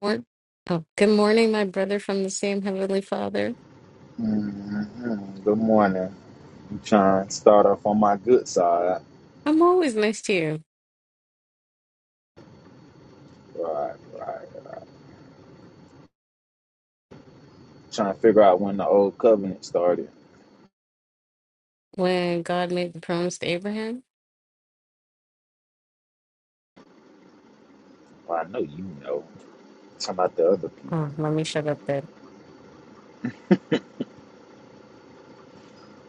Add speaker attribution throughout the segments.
Speaker 1: What? Oh, good morning, my brother from the same Heavenly Father.
Speaker 2: Mhm. Good morning. I'm trying to start off on my good side.
Speaker 1: I'm always nice to you
Speaker 2: Right, right. trying to figure out when the old covenant started.
Speaker 1: when God made the promise to Abraham.
Speaker 2: Well, I know you know. talking about the other people.
Speaker 1: Oh, let me shut up then.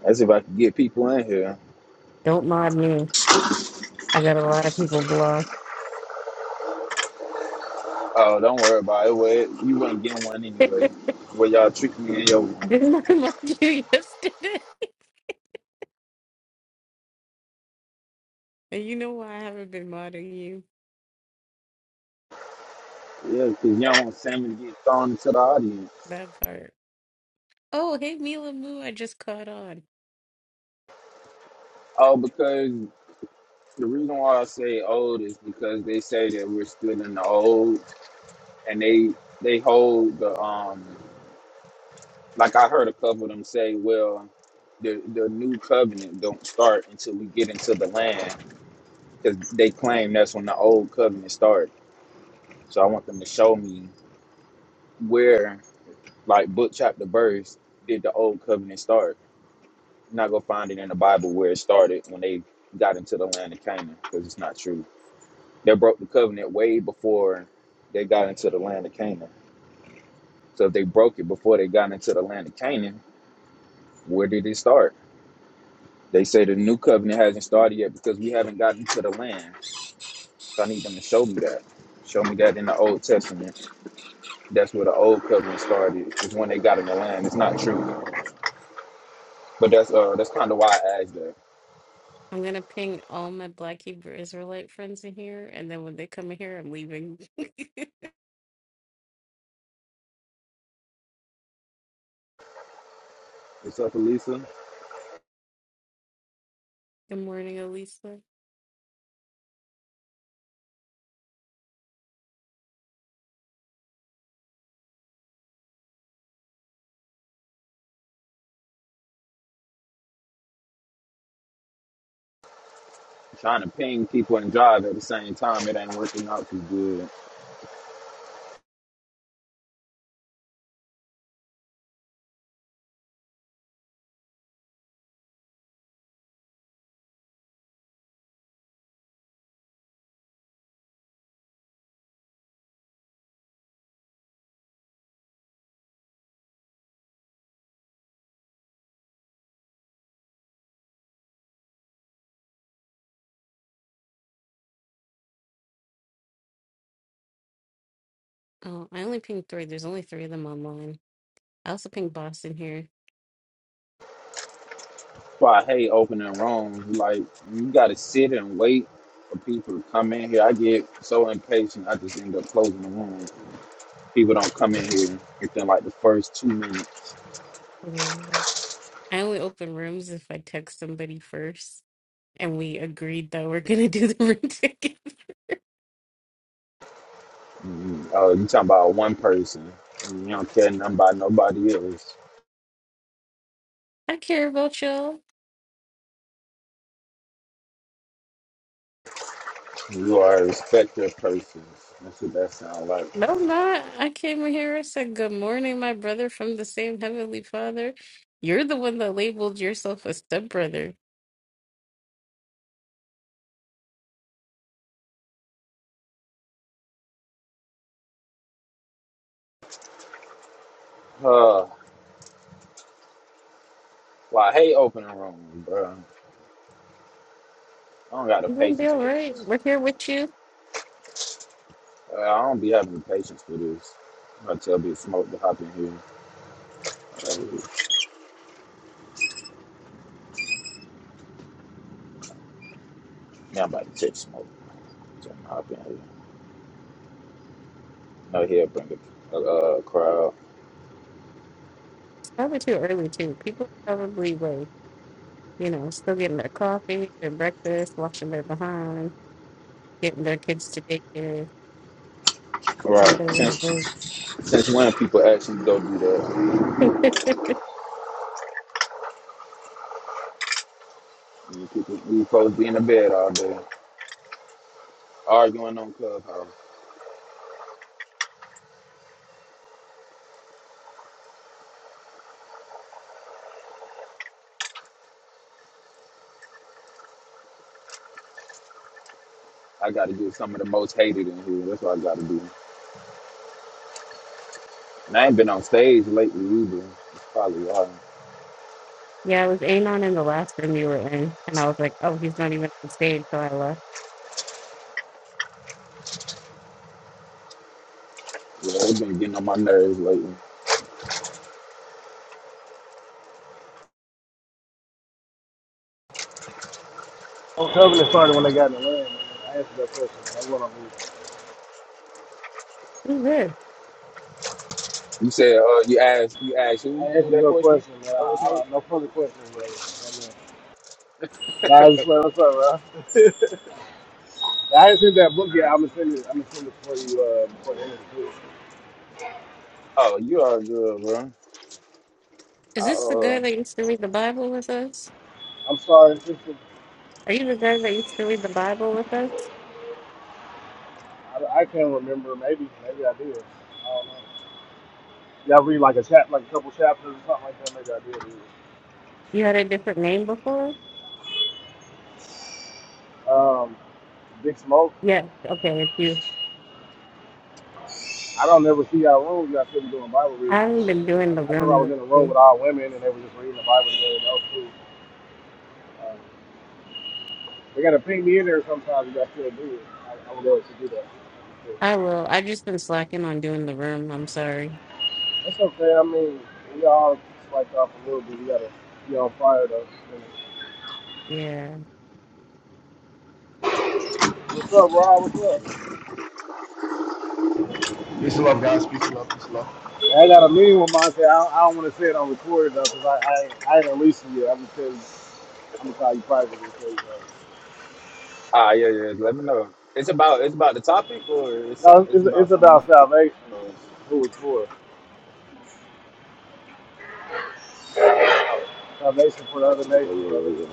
Speaker 2: As if I could get people in here.
Speaker 1: Don't mod me. I got a lot of people blocked.
Speaker 2: Oh, don't worry about it. Well, you wasn't get one anyway. Well, y'all tricking me in your room.
Speaker 1: Didn't I mod you yesterday? And you know why I haven't been modding you?
Speaker 2: Yeah, because you don't want Sammy to get thrown into the audience.
Speaker 1: That part. Oh, hey, Mila Moo, I just caught on.
Speaker 2: Oh, because the reason why I say old is because they say that we're still in the old and they they hold the um like I heard a couple of them say, well, the the new covenant don't start until we get into the land, because they claim that's when the old covenant started. So I want them to show me where, like book chapter verse, did the old covenant start? I'm not gonna find it in the Bible where it started when they got into the land of Canaan, because it's not true. They broke the covenant way before they got into the land of Canaan. So if they broke it before they got into the land of Canaan, where did it start? They say the new covenant hasn't started yet because we haven't gotten to the land. So I need them to show me that. Show me that in the Old Testament. That's where the old covenant started. Is when they got in the land. It's not true, but that's uh that's kind of why I asked that.
Speaker 1: I'm gonna ping all my Black Hebrew Israelite friends in here, and then when they come in here, I'm leaving. Good
Speaker 2: What's up, Elisa?
Speaker 1: morning, Elisa.
Speaker 2: trying to ping people and drive at the same time. It ain't working out too good. That's
Speaker 1: Oh, I only pinged three. There's only three of them online. I also ping boss in here.
Speaker 2: Why I hate opening rooms. Like you got to sit and wait for people to come in here. I get so impatient. I just end up closing the room people don't come in here within like the first two minutes.
Speaker 1: Mm. I only open rooms if I text somebody first, and we agreed that we're gonna do the room together.
Speaker 2: Mm, Oh, you talking about one person. You don't care nothing about nobody else.
Speaker 1: I care about y'all.
Speaker 2: You are a respected person. That's what that sound like.
Speaker 1: No, I'm not. I came in here. I said, "Good morning, my brother from the same heavenly Father." You're the one that labeled yourself a stepbrother.
Speaker 2: Uh, well, I hate opening rooms, bro. I don't got the
Speaker 1: You're gonna be
Speaker 2: patience
Speaker 1: all
Speaker 2: for
Speaker 1: right. We're
Speaker 2: this.
Speaker 1: here with you. It's
Speaker 2: Uh, I don't be having the patience for this. I tell Big Smoke to hop in here. Uh, man, I'm about to check Smoke. Tell him to hop in here. No, he'll bring a, a, crowd.
Speaker 1: probably too early too. People are probably like, you know, still getting their coffee, their breakfast, washing their behind, getting their kids to daycare, on
Speaker 2: Right.
Speaker 1: their
Speaker 2: Since,
Speaker 1: little
Speaker 2: since when people actually go do that?
Speaker 1: boo.
Speaker 2: You people, you supposed to be in the bed all day, arguing on Clubhouse. I got to get some of the most hated in here. That's what I got to do. And I ain't been on stage lately either. It's probably why.
Speaker 1: Yeah, it was Anon in the last room you were in, and I was like, oh, he's not even on stage, so I left.
Speaker 2: Yeah, it's been getting on my nerves lately.
Speaker 3: I'm covering it started when they got in the land, man. I answered that question. That's what I mean.
Speaker 1: Who's this?
Speaker 2: You said, uh, you asked, you asked
Speaker 3: I
Speaker 2: who, who
Speaker 3: answered
Speaker 2: that
Speaker 3: your
Speaker 2: question?
Speaker 3: question, man. I,
Speaker 2: Color
Speaker 3: I
Speaker 2: smoke?
Speaker 3: don't no further questions, brother. Amen. Nah, I just what's up, bro. I haven't seen that book yet.
Speaker 2: Nah.
Speaker 3: I'm gonna send it. I'm gonna send it for you uh, before the end of the tour.
Speaker 2: Oh, you are good, bro.
Speaker 1: Is
Speaker 2: I,
Speaker 1: this the guy
Speaker 2: uh,
Speaker 1: that used to read the Bible with us?
Speaker 3: I'm sorry, sister.
Speaker 1: Are you the guy that used to read the Bible with us?
Speaker 3: I, I can't remember. Maybe, maybe I did. I don't know. Y'all read like a chap, like a couple chapters or something like that. Maybe I did read it.
Speaker 1: You had a different name before?
Speaker 3: Um, Big Smoke.
Speaker 1: Yes, okay, it's you.
Speaker 3: I don't never see y'all room. Y'all still be doing Bible reading.
Speaker 1: I
Speaker 3: But
Speaker 1: haven't been doing the
Speaker 3: I, I remember I was
Speaker 1: room
Speaker 3: in a room
Speaker 1: lately.
Speaker 3: with all women and they were just reading the Bible together. That was cool. Um, They gotta ping me in there sometimes, but I still do it. I, I would able to do that.
Speaker 1: I will. I just been slacking on doing the room. I'm sorry.
Speaker 3: That's okay. I mean, we all swiped off a little bit. We gotta be on fire though.
Speaker 1: Yeah,
Speaker 3: What's up, Rob? What's up?
Speaker 4: Peace and love, guys. Peace and love. Peace and love.
Speaker 3: I got a meeting with mine. Say I, I don't want to say it on recorded though, cause I I, I ain't unleashed it yet. I'm gonna tell you. I'm gonna call you privately. and Tell you that.
Speaker 2: ah, yeah, yeah. Let me know. It's about, it's about the topic, or it's some,
Speaker 3: No,
Speaker 2: it's
Speaker 3: it's,
Speaker 2: about
Speaker 3: it's
Speaker 2: something
Speaker 3: about salvation.
Speaker 2: else.
Speaker 3: Who it's for?
Speaker 2: Oh,
Speaker 3: Salvation for the other
Speaker 2: okay, okay,
Speaker 3: nations, brother.
Speaker 2: yeah, yeah,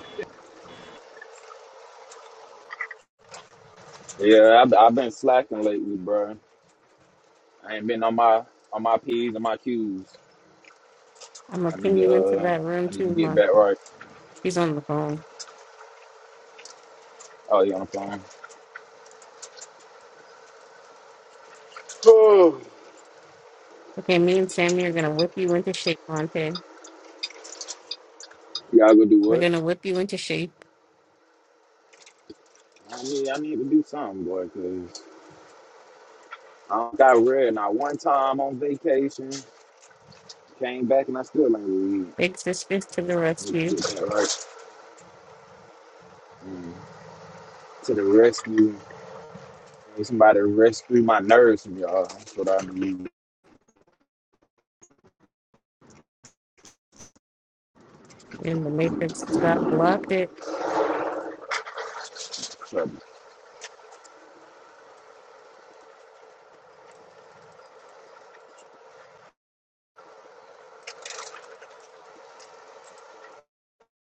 Speaker 2: yeah. Yeah, I've, I've been slacking lately, bro. I ain't been on my, on my p's and my q's.
Speaker 1: I'm gonna
Speaker 2: I need
Speaker 1: ping
Speaker 2: to,
Speaker 1: you into
Speaker 2: uh,
Speaker 1: that room
Speaker 2: I need to
Speaker 1: too,
Speaker 2: get
Speaker 1: Monte.
Speaker 2: back right.
Speaker 1: He's on the phone.
Speaker 2: Oh, you on the phone? Oh,
Speaker 1: Okay, me and Sammy are gonna whip you into shape, Monte.
Speaker 2: Y'all gonna do
Speaker 1: We're
Speaker 2: what?
Speaker 1: gonna whip you into shape.
Speaker 2: I need, I need to do something, boy, because I got read not one time on vacation. Came back and I still ain't read.
Speaker 1: Big sisters to the
Speaker 2: Need
Speaker 1: rescue.
Speaker 2: Get that right. Mm. To the rescue. Need somebody to rescue my nerves from y'all. That's what I need.
Speaker 1: in the Matrix. God blocked it.
Speaker 2: Trouble.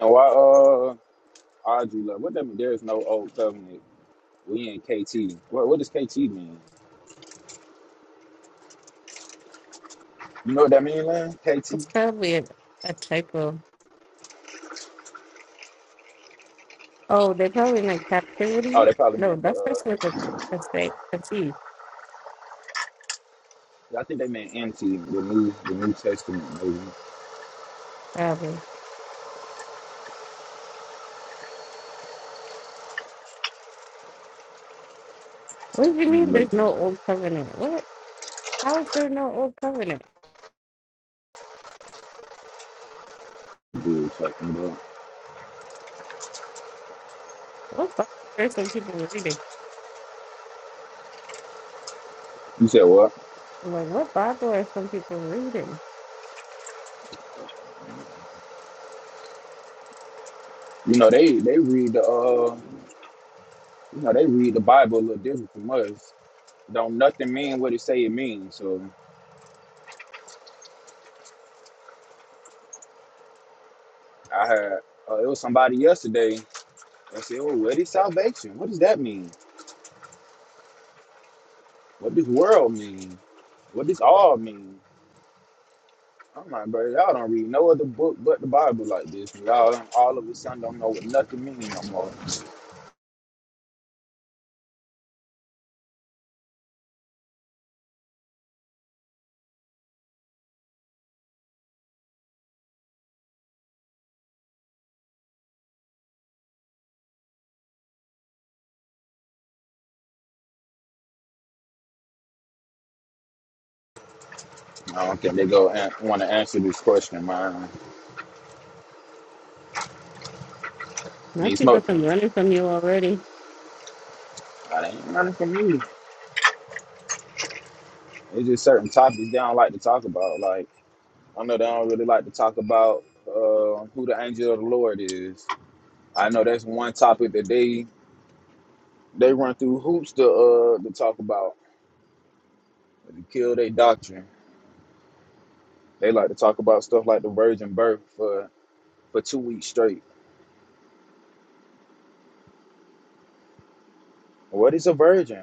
Speaker 2: And why, uh, Audrey, love? What that mean? There is no old covenant. We in KT. What, what does KT mean? You know what that mean, man? KT?
Speaker 1: It's probably a, a typo. Oh, they probably meant
Speaker 2: Oh,
Speaker 1: captivity.
Speaker 2: they probably
Speaker 1: No,
Speaker 2: meant the,
Speaker 1: that's just
Speaker 2: uh,
Speaker 1: like a a state a thief,
Speaker 2: I think they meant NT, the New, the New Testament. maybe.
Speaker 1: probably. What do you mean
Speaker 2: Mm,
Speaker 1: there's
Speaker 2: That's
Speaker 1: no old covenant? What? How is there no old covenant?
Speaker 2: good talking about.
Speaker 1: What Bible are some people reading?
Speaker 2: You said what?
Speaker 1: I'm like, what Bible are some people reading?
Speaker 2: You know they they read the uh you know they read the Bible a little different from us. Don't nothing mean what it say it means. So I had uh, it was somebody yesterday that said, "Oh, what is salvation? What does that mean? What does world mean? What does all mean?" I'm like, bro, y'all don't read no other book but the Bible like this. And y'all all of a sudden don't know what nothing means no more. I don't think they go an- want to answer this question, man. Need
Speaker 1: Not you
Speaker 2: smoke?
Speaker 1: got them running from you already.
Speaker 2: I ain't running from you. It's just certain topics they don't like to talk about. Like I know they don't really like to talk about uh, who the angel of the Lord is. I know that's one topic that they they run through hoops to uh to talk about to kill their doctrine. They like to talk about stuff like the virgin birth for for two weeks straight. What is a virgin?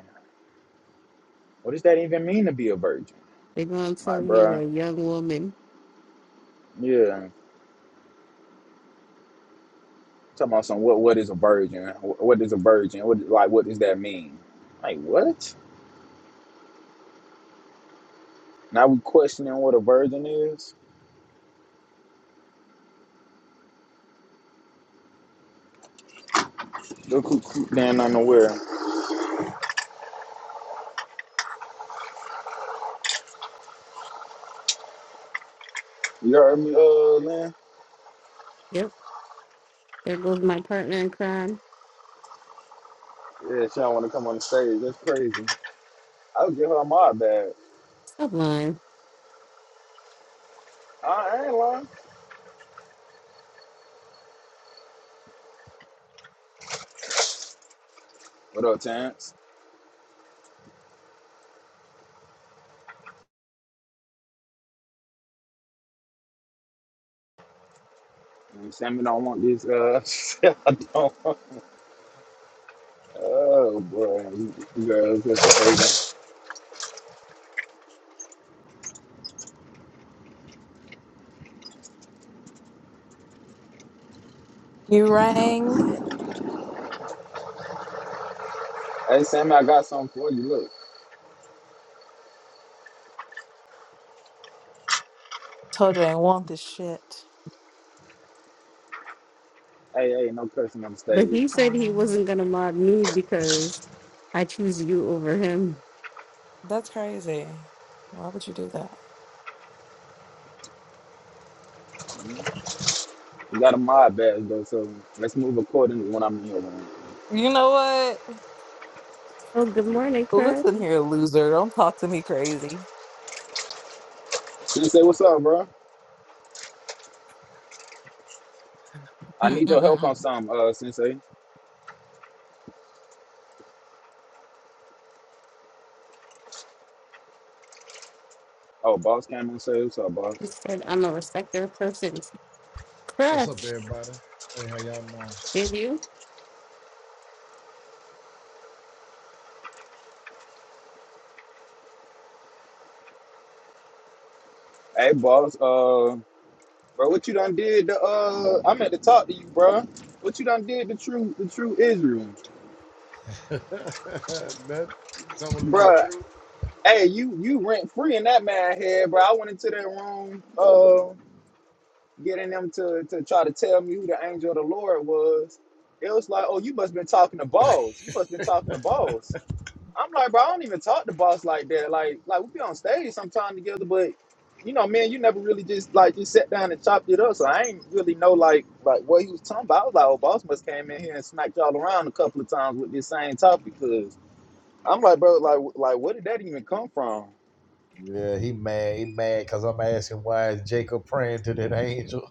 Speaker 2: What does that even mean to be a virgin?
Speaker 1: They're gonna tell
Speaker 2: Like,
Speaker 1: you
Speaker 2: bruh,
Speaker 1: a young woman.
Speaker 2: yeah. Talking about some what what is a virgin? Wh- What is a virgin? What like what does that mean? Like what? Now we questioning what a virgin is Go coop coop down on nowhere. You heard me, uh, man?
Speaker 1: Yep, there goes my partner in crime.
Speaker 2: Yeah, she don't want to come on the stage. That's crazy. I'll give her my bad.
Speaker 1: Stop lying.
Speaker 2: I ain't lying. What up, Terrence? Mm, Sammy don't want this, uh, I don't want- Oh, boy. You you girls, that's
Speaker 5: You rang,
Speaker 2: crazy. Hey, Sammy, I got something for you. Look.
Speaker 5: told her I want this shit.
Speaker 2: Hey, hey, no cursing on the
Speaker 1: But
Speaker 2: stage.
Speaker 1: he said he
Speaker 5: Um,
Speaker 1: wasn't gonna mob me because I choose you over him.
Speaker 5: that's crazy. Why would you do that?
Speaker 2: You got a mod badge, though, so let's move accordingly when I'm in your room.
Speaker 5: You know what?
Speaker 1: Oh, good morning, Crush.
Speaker 5: Listen here, loser. Don't talk to me crazy.
Speaker 2: Sensei, what's up, bro? I need your help on something, uh, Sensei. Oh, boss came on stage. What's up, boss?
Speaker 1: He said I'm a respecter of persons.
Speaker 6: What's up,
Speaker 1: Crush,
Speaker 6: everybody? Hey, how y'all
Speaker 1: did you?
Speaker 2: Hey, boss. Uh, bro, what you done did? To, uh, I meant to talk to you, bro. What you done did to true, the true Israel,
Speaker 6: doing? That you told him the
Speaker 2: bro?
Speaker 6: truth.
Speaker 2: Hey, you you rent free in that man head, bro. I went into that room, uh, getting them to to try to tell me who the angel of the Lord was. It was like, oh, you must been talking to balls. You must been talking to balls. I'm like, bro, I don't even talk to boss like that. Like, like we be on stage sometime together, but you know, man, you never really just like just sat down and chopped it up. So I ain't really know like like what he was talking about. I was like, oh, boss must came in here and smacked y'all around a couple of times with this same topic. Cause I'm like, bro, like like where did that even come from?
Speaker 6: Yeah, he mad. He mad because I'm asking why is Jacob praying to that angel?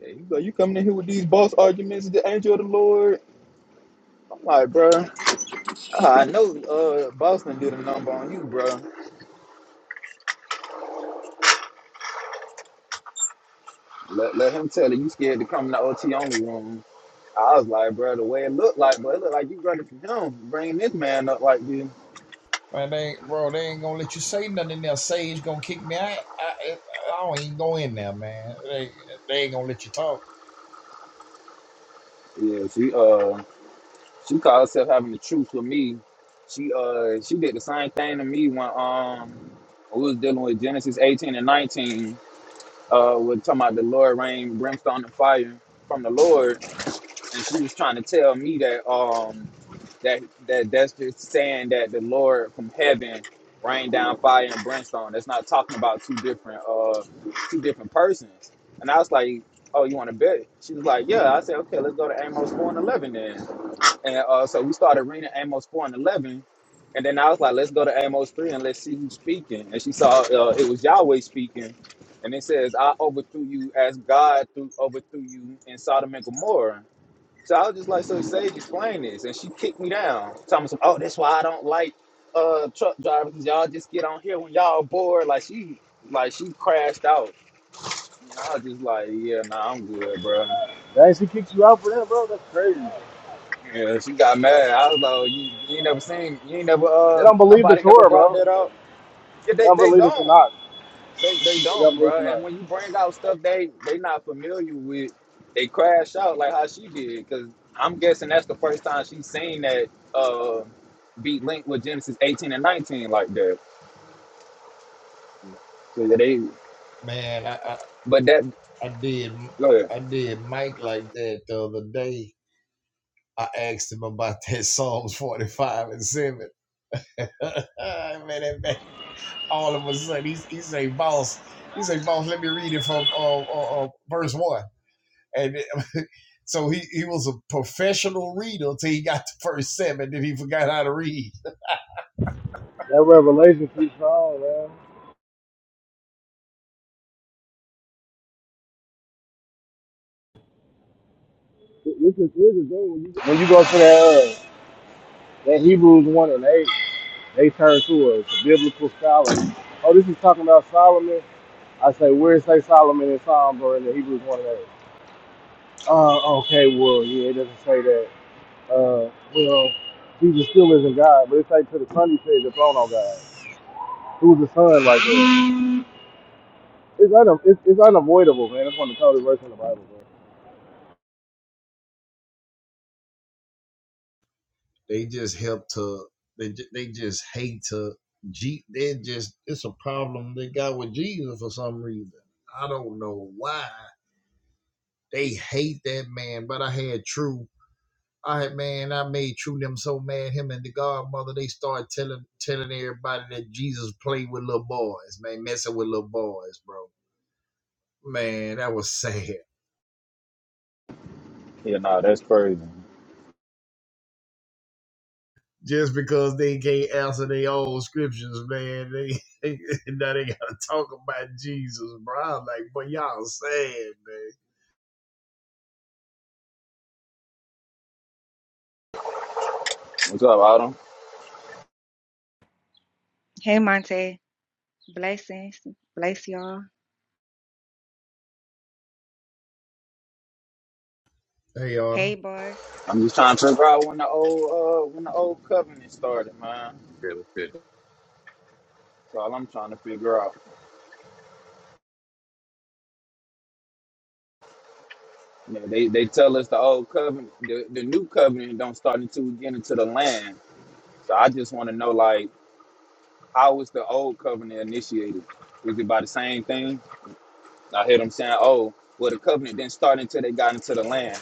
Speaker 2: Yeah, you go, you coming in here with these boss arguments, the angel of the Lord. I'm like, bro, I know uh Boston did a number on you, bro. Let, let him tell it. You scared to come in the OT only room. I was like, bro, the way it looked like, bro, it looked like you running from him, bringing this man up like this.
Speaker 6: Man, they ain't, bro, they ain't gonna let you say nothing in there. Sage gonna kick me out. I, I, I don't even go in there, man. They, they ain't gonna let you talk.
Speaker 2: Yeah, she uh, she called herself having the truth with me. She uh, she did the same thing to me when um, we was dealing with Genesis eighteen and nineteen. Uh, we're talking about the Lord rain, brimstone and fire from the Lord, and she was trying to tell me that um. That that that's just saying that the Lord from heaven rained down fire and brimstone. That's not talking about two different uh two different persons. And I was like, Oh, you wanna bet? She was like, Yeah. I said, Okay, let's go to Amos four and eleven then. And uh so we started reading Amos four and eleven. And then I was like, let's go to Amos 3 and let's see who's speaking. And she saw uh, it was Yahweh speaking. And it says, I overthrew you as God threw, overthrew you in Sodom and Gomorrah. So I was just like, so Sage, explain this. And she kicked me down. Talking some, oh, that's why I don't like uh truck drivers, 'cause y'all just get on here when y'all bored. Like she like she crashed out. And I was just like, yeah, nah, I'm good, bro.
Speaker 3: Dang, she kicked you out for that, bro. That's crazy.
Speaker 2: Yeah, she got mad. I was like, oh, you, you ain't never seen, you ain't never,
Speaker 3: They
Speaker 2: uh,
Speaker 3: don't believe the
Speaker 2: nobody never
Speaker 3: Torah,
Speaker 2: brought
Speaker 3: bro.
Speaker 2: that up. Yeah,
Speaker 3: They
Speaker 2: they,
Speaker 3: don't
Speaker 2: they
Speaker 3: believe the
Speaker 2: don't.
Speaker 3: Tanakh.
Speaker 2: They they
Speaker 3: They don't
Speaker 2: don't,
Speaker 3: believe
Speaker 2: bro.
Speaker 3: the Tanakh.
Speaker 2: And when you bring out stuff they they not familiar with, they crash out like how she did. Cause I'm guessing that's the first time she seen that uh beat link with Genesis 18 and 19 like that. So yeah, they
Speaker 6: Man, I, I,
Speaker 2: but that
Speaker 6: I did,
Speaker 2: go ahead.
Speaker 6: I did Mike like that the other day. I asked him about that Psalms 45 and 7. man, that man all of a sudden. He's he's a boss. He's a boss. Let me read it from uh, uh, uh, verse one. And so he he was a professional reader till he got to first seven. Then he forgot how to read.
Speaker 3: That revelation keeps strong, man. This is, this is the day when you, when you go to that, uh, that Hebrews 1 and 8, they turn to us, the biblical scholars. Oh, this is talking about Solomon? I say, where it say Solomon in Psalms or in the Hebrews 1 and 8? Uh, okay, well, yeah, it doesn't say that. Uh, well, Jesus still isn't God, but it's like to the Son he says the throne on God. Who's the Son like that? It's, un- it's, it's unavoidable, man. That's one of the coldest verses in the Bible, bro.
Speaker 6: They just help to. They they just hate to. G, they just it's a problem they got with Jesus for some reason. I don't know why. They hate that man. But I had True. I had man, I made True them so mad. Him and the Godmother, they started telling telling everybody that Jesus played with little boys, man, messing with little boys, bro. Man, that was sad.
Speaker 2: Yeah, nah, that's crazy.
Speaker 6: Just because they can't answer their old scriptures, man, they now they gotta talk about Jesus, bro. I'm like, boy, y'all sad, man.
Speaker 2: What's up, Autumn?
Speaker 7: Hey Monte, blessings, bless y'all.
Speaker 6: Hey, Autumn,
Speaker 7: Hey boss,
Speaker 2: I'm just trying to figure out when the old uh when the old covenant started, man.
Speaker 8: Good, good.
Speaker 2: That's all I'm trying to figure out. Yeah, they they tell us the old covenant, the, the new covenant don't start until we get into the land. So I just want to know like. How was the old covenant initiated? Was it by the same thing? I hear them saying, "Oh, well, the covenant didn't start until they got into the land."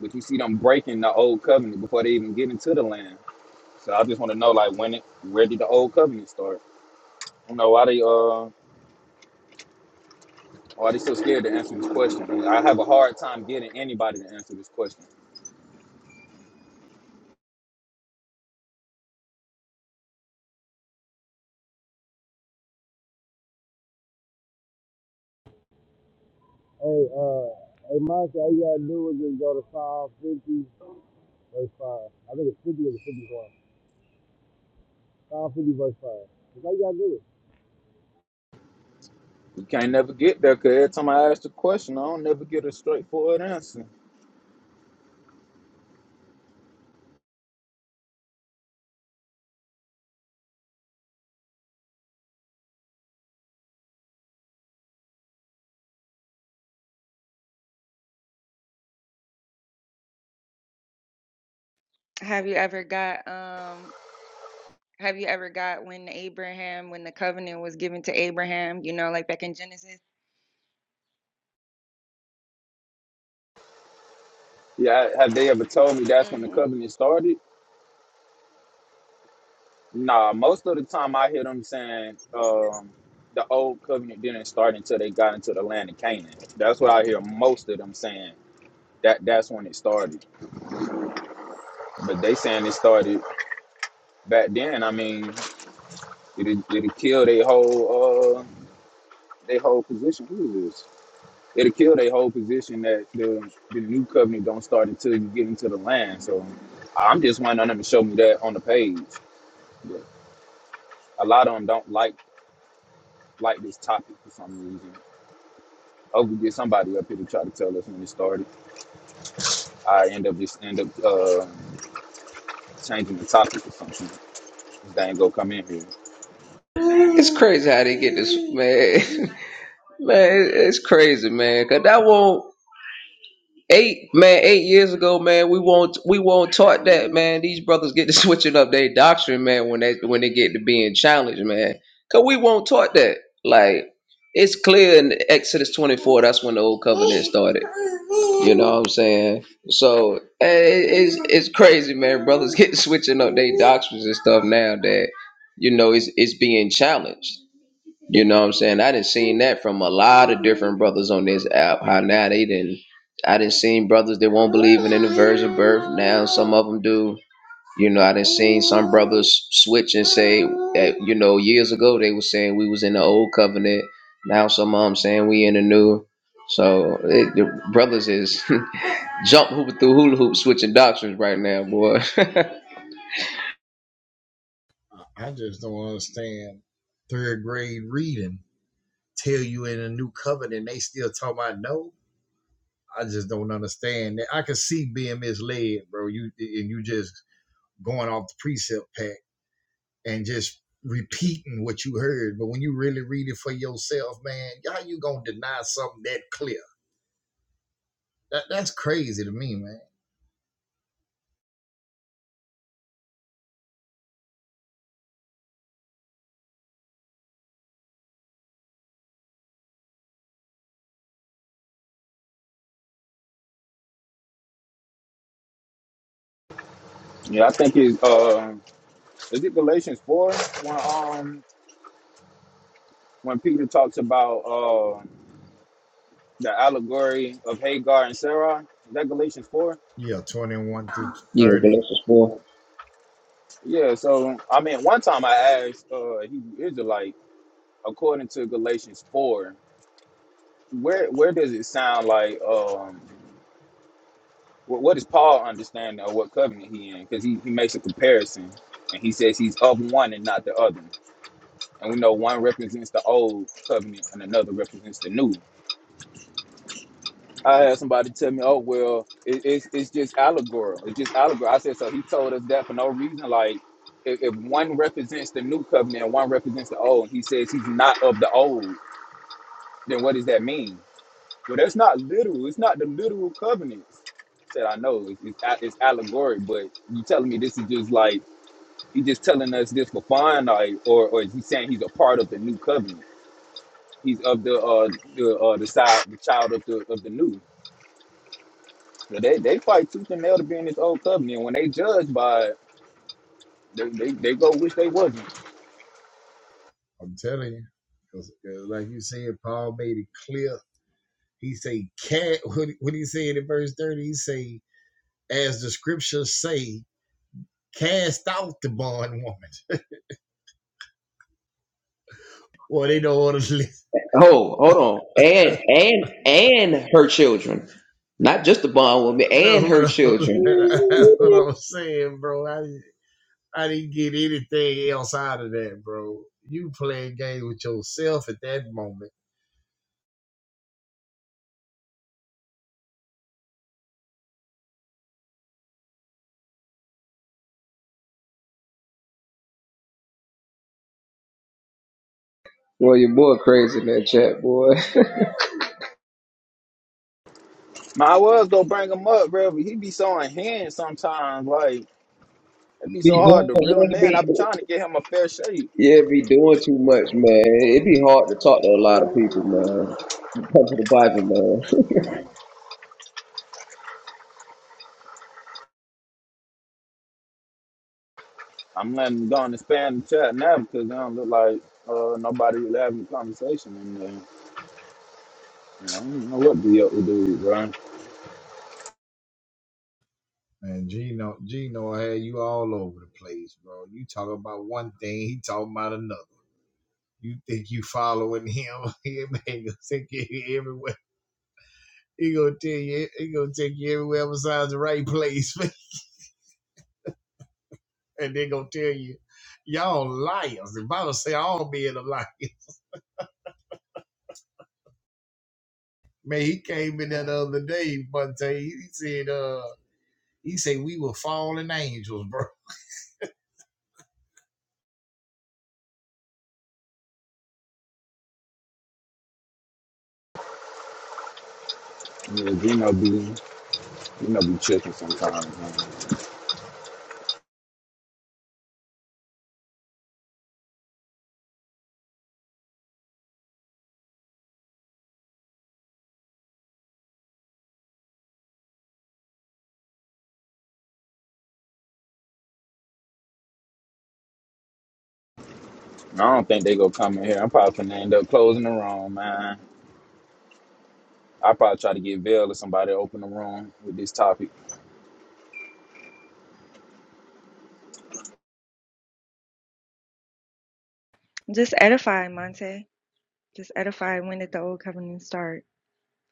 Speaker 2: But you see them breaking the old covenant before they even get into the land. So I just want to know, like, when it where did the old covenant start? You know why they uh why they so scared to answer this question? I, mean, I have a hard time getting anybody to answer this question.
Speaker 3: Hey, uh, hey, Monty, all you gotta do is just go to five fifty, verse 5. I think it's 50 or the 51. Five fifty, verse 5. That's all you gotta do.
Speaker 2: You can't never get there because every time I ask the question, I don't never get a straightforward answer.
Speaker 7: have you ever got um have you ever got when Abraham when the covenant was given to Abraham, you know, like back in Genesis?
Speaker 2: Yeah, have they ever told me that's when the
Speaker 7: hmm
Speaker 2: covenant started? Nah, most of the time I hear them saying um, the old covenant didn't start until they got into the land of Canaan. That's what I hear most of them saying. That that's when it started. But they saying it started back then. I mean, it'll, it'll kill their whole uh their whole position. Who is this? It'll kill their whole position that the the new covenant don't start until you get into the land. So I'm just wanting them to show me that on the page. But a lot of them don't like like this topic for some reason. Oh, we get somebody up here to try to tell us when it started. I end up just end up uh, changing the topic or something. This thing go come in here.
Speaker 9: It's crazy how they get this man. Man, it's crazy, man. Cause that won't eight man eight years ago, man. We won't we won't taught that, man. These brothers get to switching up their doctrine, man. When they when they get to being challenged, man. Cause we won't taught that. Like it's clear in Exodus twenty four. That's when the old covenant started. You know what I'm saying? So eh, it- it's it's crazy, man. Brothers get to switching up their doctrines and stuff now that you know it's it's being challenged. You know what I'm saying? I didn't seen that from a lot of different brothers on this app. How now they didn't I didn't seen brothers that won't believe in the verse of birth. Now some of them do. You know, I didn't seen some brothers switch and say that, you know, years ago they were saying we was in the old covenant. Now some of them saying we in the new. So it, the brothers is jump hooping through hula hoops switching doctrines right now, boy. yeah,
Speaker 6: I I just don't understand third grade reading tell you in a new covenant they still talk about no. I just don't understand that. I could see being misled, bro. You and you just going off the precept pack and just repeating what you heard. But when you really read it for yourself, man, how you gonna deny something that clear? That that's crazy to me, man.
Speaker 2: Yeah, I think it's uh, is it Galatians four when um when Peter talks about uh the allegory of Hagar and Sarah. Is that Galatians four?
Speaker 6: Yeah, twenty one through thirty.
Speaker 9: Galatians 4.
Speaker 2: Yeah. So I mean, one time I asked uh a Hebrew Israelite according to Galatians four, where where does it sound like um. What, what does Paul understand of what covenant he in? Because he, he makes a comparison and he says he's of one and not the other. And we know one represents the old covenant and another represents the new. I had somebody tell me, oh, well, it, it's, it's just allegory. It's just allegory. I said, so he told us that for no reason. Like, if, if one represents the new covenant and one represents the old, he says he's not of the old, then what does that mean? Well, that's not literal. It's not the literal covenants. I said I know it's, it's, a- it's allegory, but you telling me this is just like he just telling us this for fun, like, or or is he saying he's a part of the new covenant? He's of the uh the uh the side the child of the of the new. So they they fight tooth and nail to be in this old covenant. When they judge by it, they, they, they go wish they wasn't.
Speaker 6: I'm telling you, 'Cause- 'cause like you said, Paul made it clear. He say, "Cat." What he said in verse thirty? He say, "As the scriptures say, cast out the bond woman." Well, they don't want to listen.
Speaker 9: Oh, hold on. And and and her children. Not just the bond woman,
Speaker 6: That's
Speaker 9: and her
Speaker 6: what I was,
Speaker 9: children.
Speaker 6: that's what I was saying, bro. I didn't, I didn't get anything else out of that, bro. You playing games with yourself at that moment.
Speaker 9: Well, your boy crazy in that chat, boy.
Speaker 2: My was gonna bring him up, bro, but he be so in hand sometimes. Like it be so
Speaker 9: Be
Speaker 2: hard
Speaker 9: doing
Speaker 2: to reel
Speaker 9: you
Speaker 2: him
Speaker 9: know,
Speaker 2: in. I
Speaker 9: be
Speaker 2: be trying to get him a fair shake.
Speaker 9: yeah, be doing too much, man. It'd be hard to talk to a lot of people, man. Come to the Bible, man.
Speaker 2: I'm letting them go in the spam chat now because I don't look like uh, nobody really having a conversation in there. You know, I don't know what be up to do, bro.
Speaker 6: Man, Gino, Gino had you all over the place, bro. You talk about one thing, he talking about another. You think you following him? He gonna take you everywhere. He gonna tell you, he gonna take you everywhere besides the right place, and they gonna tell you, y'all liars. The Bible say all men are liars. Man, he came in there the other day, but he said, uh, he said we were fallen angels, bro.
Speaker 2: Yeah, Gino be Gino be tripping sometimes, man. And I don't think they gonna come in here. I'm probably gonna end up closing the room, man. I probably try to get Vail or somebody to open the room with this topic.
Speaker 7: Just edify, Monte. Just edify. When did the old covenant start?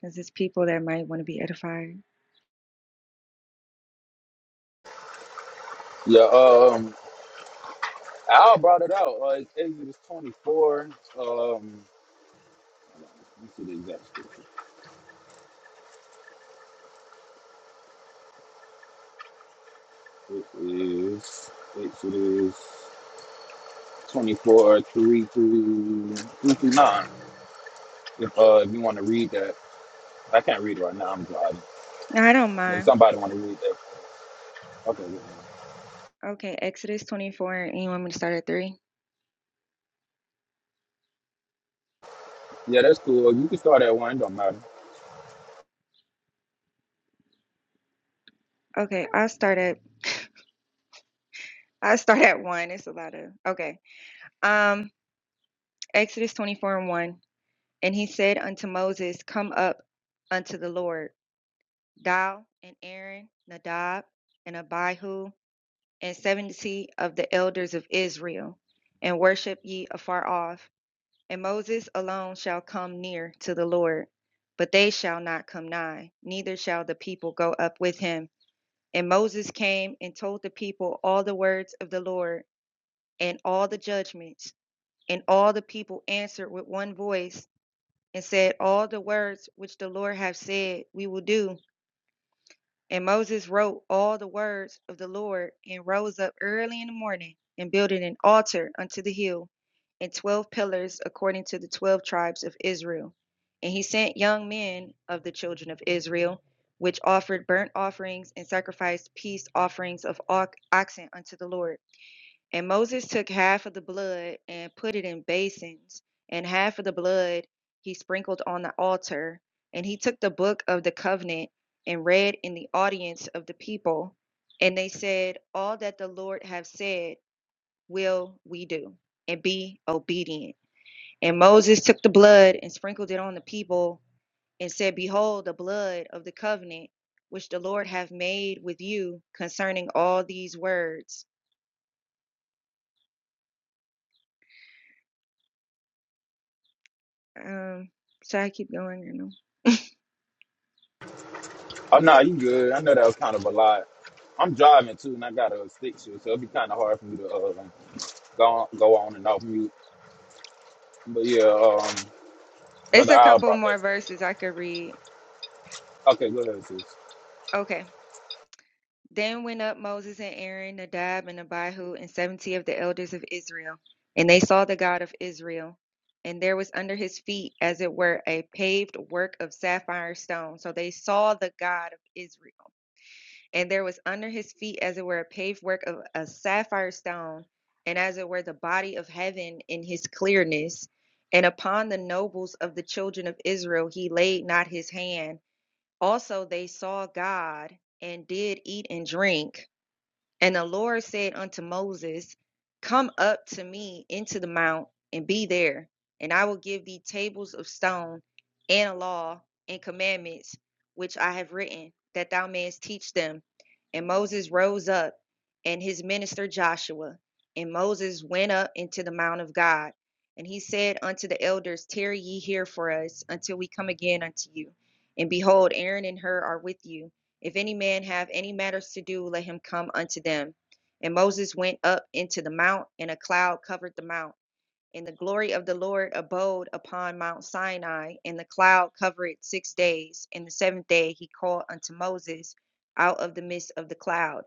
Speaker 7: Because it's people that might want to be edified.
Speaker 2: Yeah, um, Al brought it out. Uh, it's Exodus 24. Um, hold on, let me see the exact scripture. It is Exodus. 24, or 3 through, 3 through 9. If, uh, if you want to read that. I can't read it right now. I'm driving.
Speaker 7: No, I don't
Speaker 2: But if
Speaker 7: mind.
Speaker 2: somebody want to read that. Okay. Yeah,
Speaker 7: Okay, Exodus 24, and you want me to start at three?
Speaker 2: Yeah, that's cool. Well, You can start at one. It don't matter.
Speaker 7: Okay, I'll start at I'll start at one. It's a lot of okay. Um, Exodus 24 and 1. And he said unto Moses, Come up unto the Lord, thou and Aaron, Nadab and Abihu, and seventy of the elders of Israel, and worship ye afar off. And Moses alone shall come near to the Lord, but they shall not come nigh, neither shall the people go up with him. And Moses came and told the people all the words of the Lord and all the judgments. And all the people answered with one voice and said, All the words which the Lord hath said, we will do. And Moses wrote all the words of the Lord, and rose up early in the morning, and builded an altar unto the hill, and twelve pillars according to the twelve tribes of Israel. And he sent young men of the children of Israel, which offered burnt offerings and sacrificed peace offerings of oxen unto the Lord. And Moses took half of the blood and put it in basins, and half of the blood he sprinkled on the altar. And he took the book of the covenant and read in the audience of the people. And they said, All that the Lord have said will we do, and be obedient. And Moses took the blood and sprinkled it on the people, and said, Behold, the blood of the covenant which the Lord hath made with you concerning all these words. Um, so I keep going.
Speaker 2: Oh, no, you good. I know that was kind of a lot. I'm driving too, and I got a stick shift, so it'd be kind of hard for me to uh, go on, go on and off mute. But yeah, um,
Speaker 7: It's
Speaker 2: brother
Speaker 7: a
Speaker 2: Al
Speaker 7: couple
Speaker 2: brought that.
Speaker 7: more verses I could read.
Speaker 2: Okay, go ahead, sis.
Speaker 7: Okay. Then went up Moses and Aaron, Nadab and Abihu, and seventy of the elders of Israel. And they saw the God of Israel. And there was under his feet, as it were, a paved work of sapphire stone. So they saw the God of Israel. And there was under his feet, as it were, a paved work of a sapphire stone, and as it were, the body of heaven in his clearness. And upon the nobles of the children of Israel he laid not his hand Also, they saw God and did eat and drink, and the Lord said unto Moses, Come up to me into the mount and be there, and I will give thee tables of stone and a law and commandments which I have written, that thou mayest teach them. And Moses rose up and his minister Joshua. And Moses went up into the mount of God. And he said unto the elders, Tarry ye here for us until we come again unto you. And behold, Aaron and Hur are with you if any man have any matters to do, let him come unto them. And Moses went up into the mount, and a cloud covered the mount. And the glory of the Lord abode upon Mount Sinai, and the cloud covered it six days. And the seventh day he called unto Moses out of the midst of the cloud.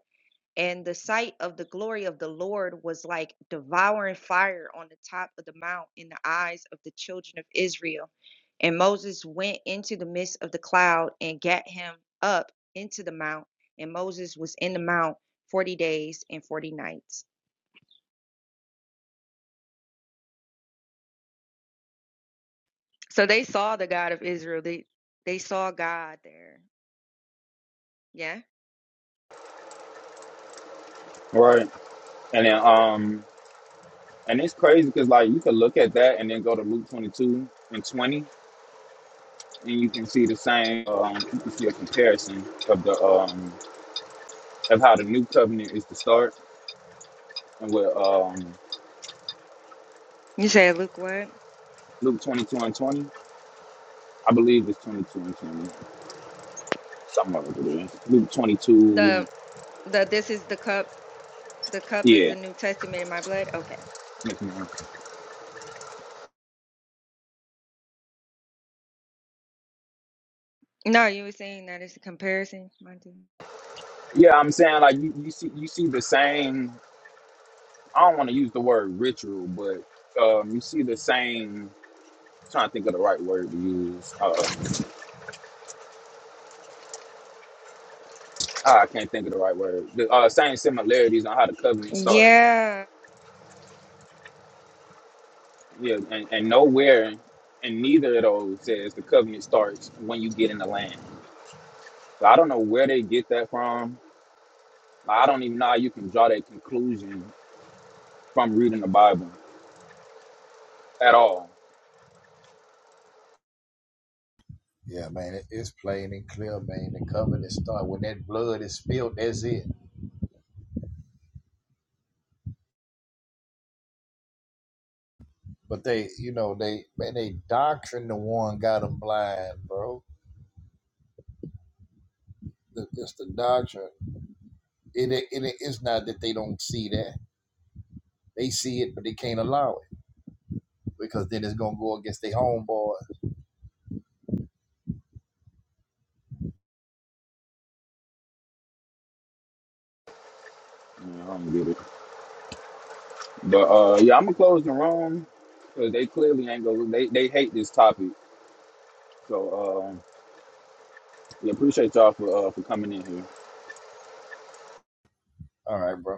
Speaker 7: And the sight of the glory of the Lord was like devouring fire on the top of the mount in the eyes of the children of Israel. And Moses went into the midst of the cloud and got him up into the mount. And Moses was in the mount 40 days and 40 nights. So they saw the God of Israel. They they saw God there. Yeah.
Speaker 2: Right, and then um, and it's crazy because like you could look at that and then go to Luke 22 and 20, and you can see the same. Um, you can see a comparison of the um, of how the new covenant is to start, and with um,
Speaker 7: You said Luke what?
Speaker 2: Luke twenty two and twenty, I believe it's twenty two and twenty, something like that. Luke twenty two,
Speaker 7: The the this is the cup. The cup is
Speaker 2: yeah,
Speaker 7: the New Testament in my blood. Okay.
Speaker 2: yes,
Speaker 7: No, you were saying that it's a comparison, Monty.
Speaker 2: yeah. I'm saying like you, you see you see the same. I don't want to use the word ritual, but um, you see the same. Trying to think of the right word to use. Uh, I can't think of the right word. The uh, same similarities on how the covenant starts
Speaker 7: yeah
Speaker 2: Yeah, and, and nowhere and neither of those says the covenant starts when you get in the land. So I don't know where they get that from. I don't even know how you can draw that conclusion from reading the Bible at all.
Speaker 6: Yeah, man, it, it's plain and clear, man. The covenant start when that blood is spilled. That's it. But they, you know, they man, they doctrine the one got them blind, bro. The- It's the doctrine. It, it, it it's not that they don't see that. They see it, but they can't allow it because then it's gonna go against their homeboy.
Speaker 2: Yeah, I don't get it. But uh, yeah, I'm gonna close the room because they clearly ain't going to They they hate this topic. So um, yeah, appreciate y'all for uh, for coming in here.
Speaker 6: All right, bro.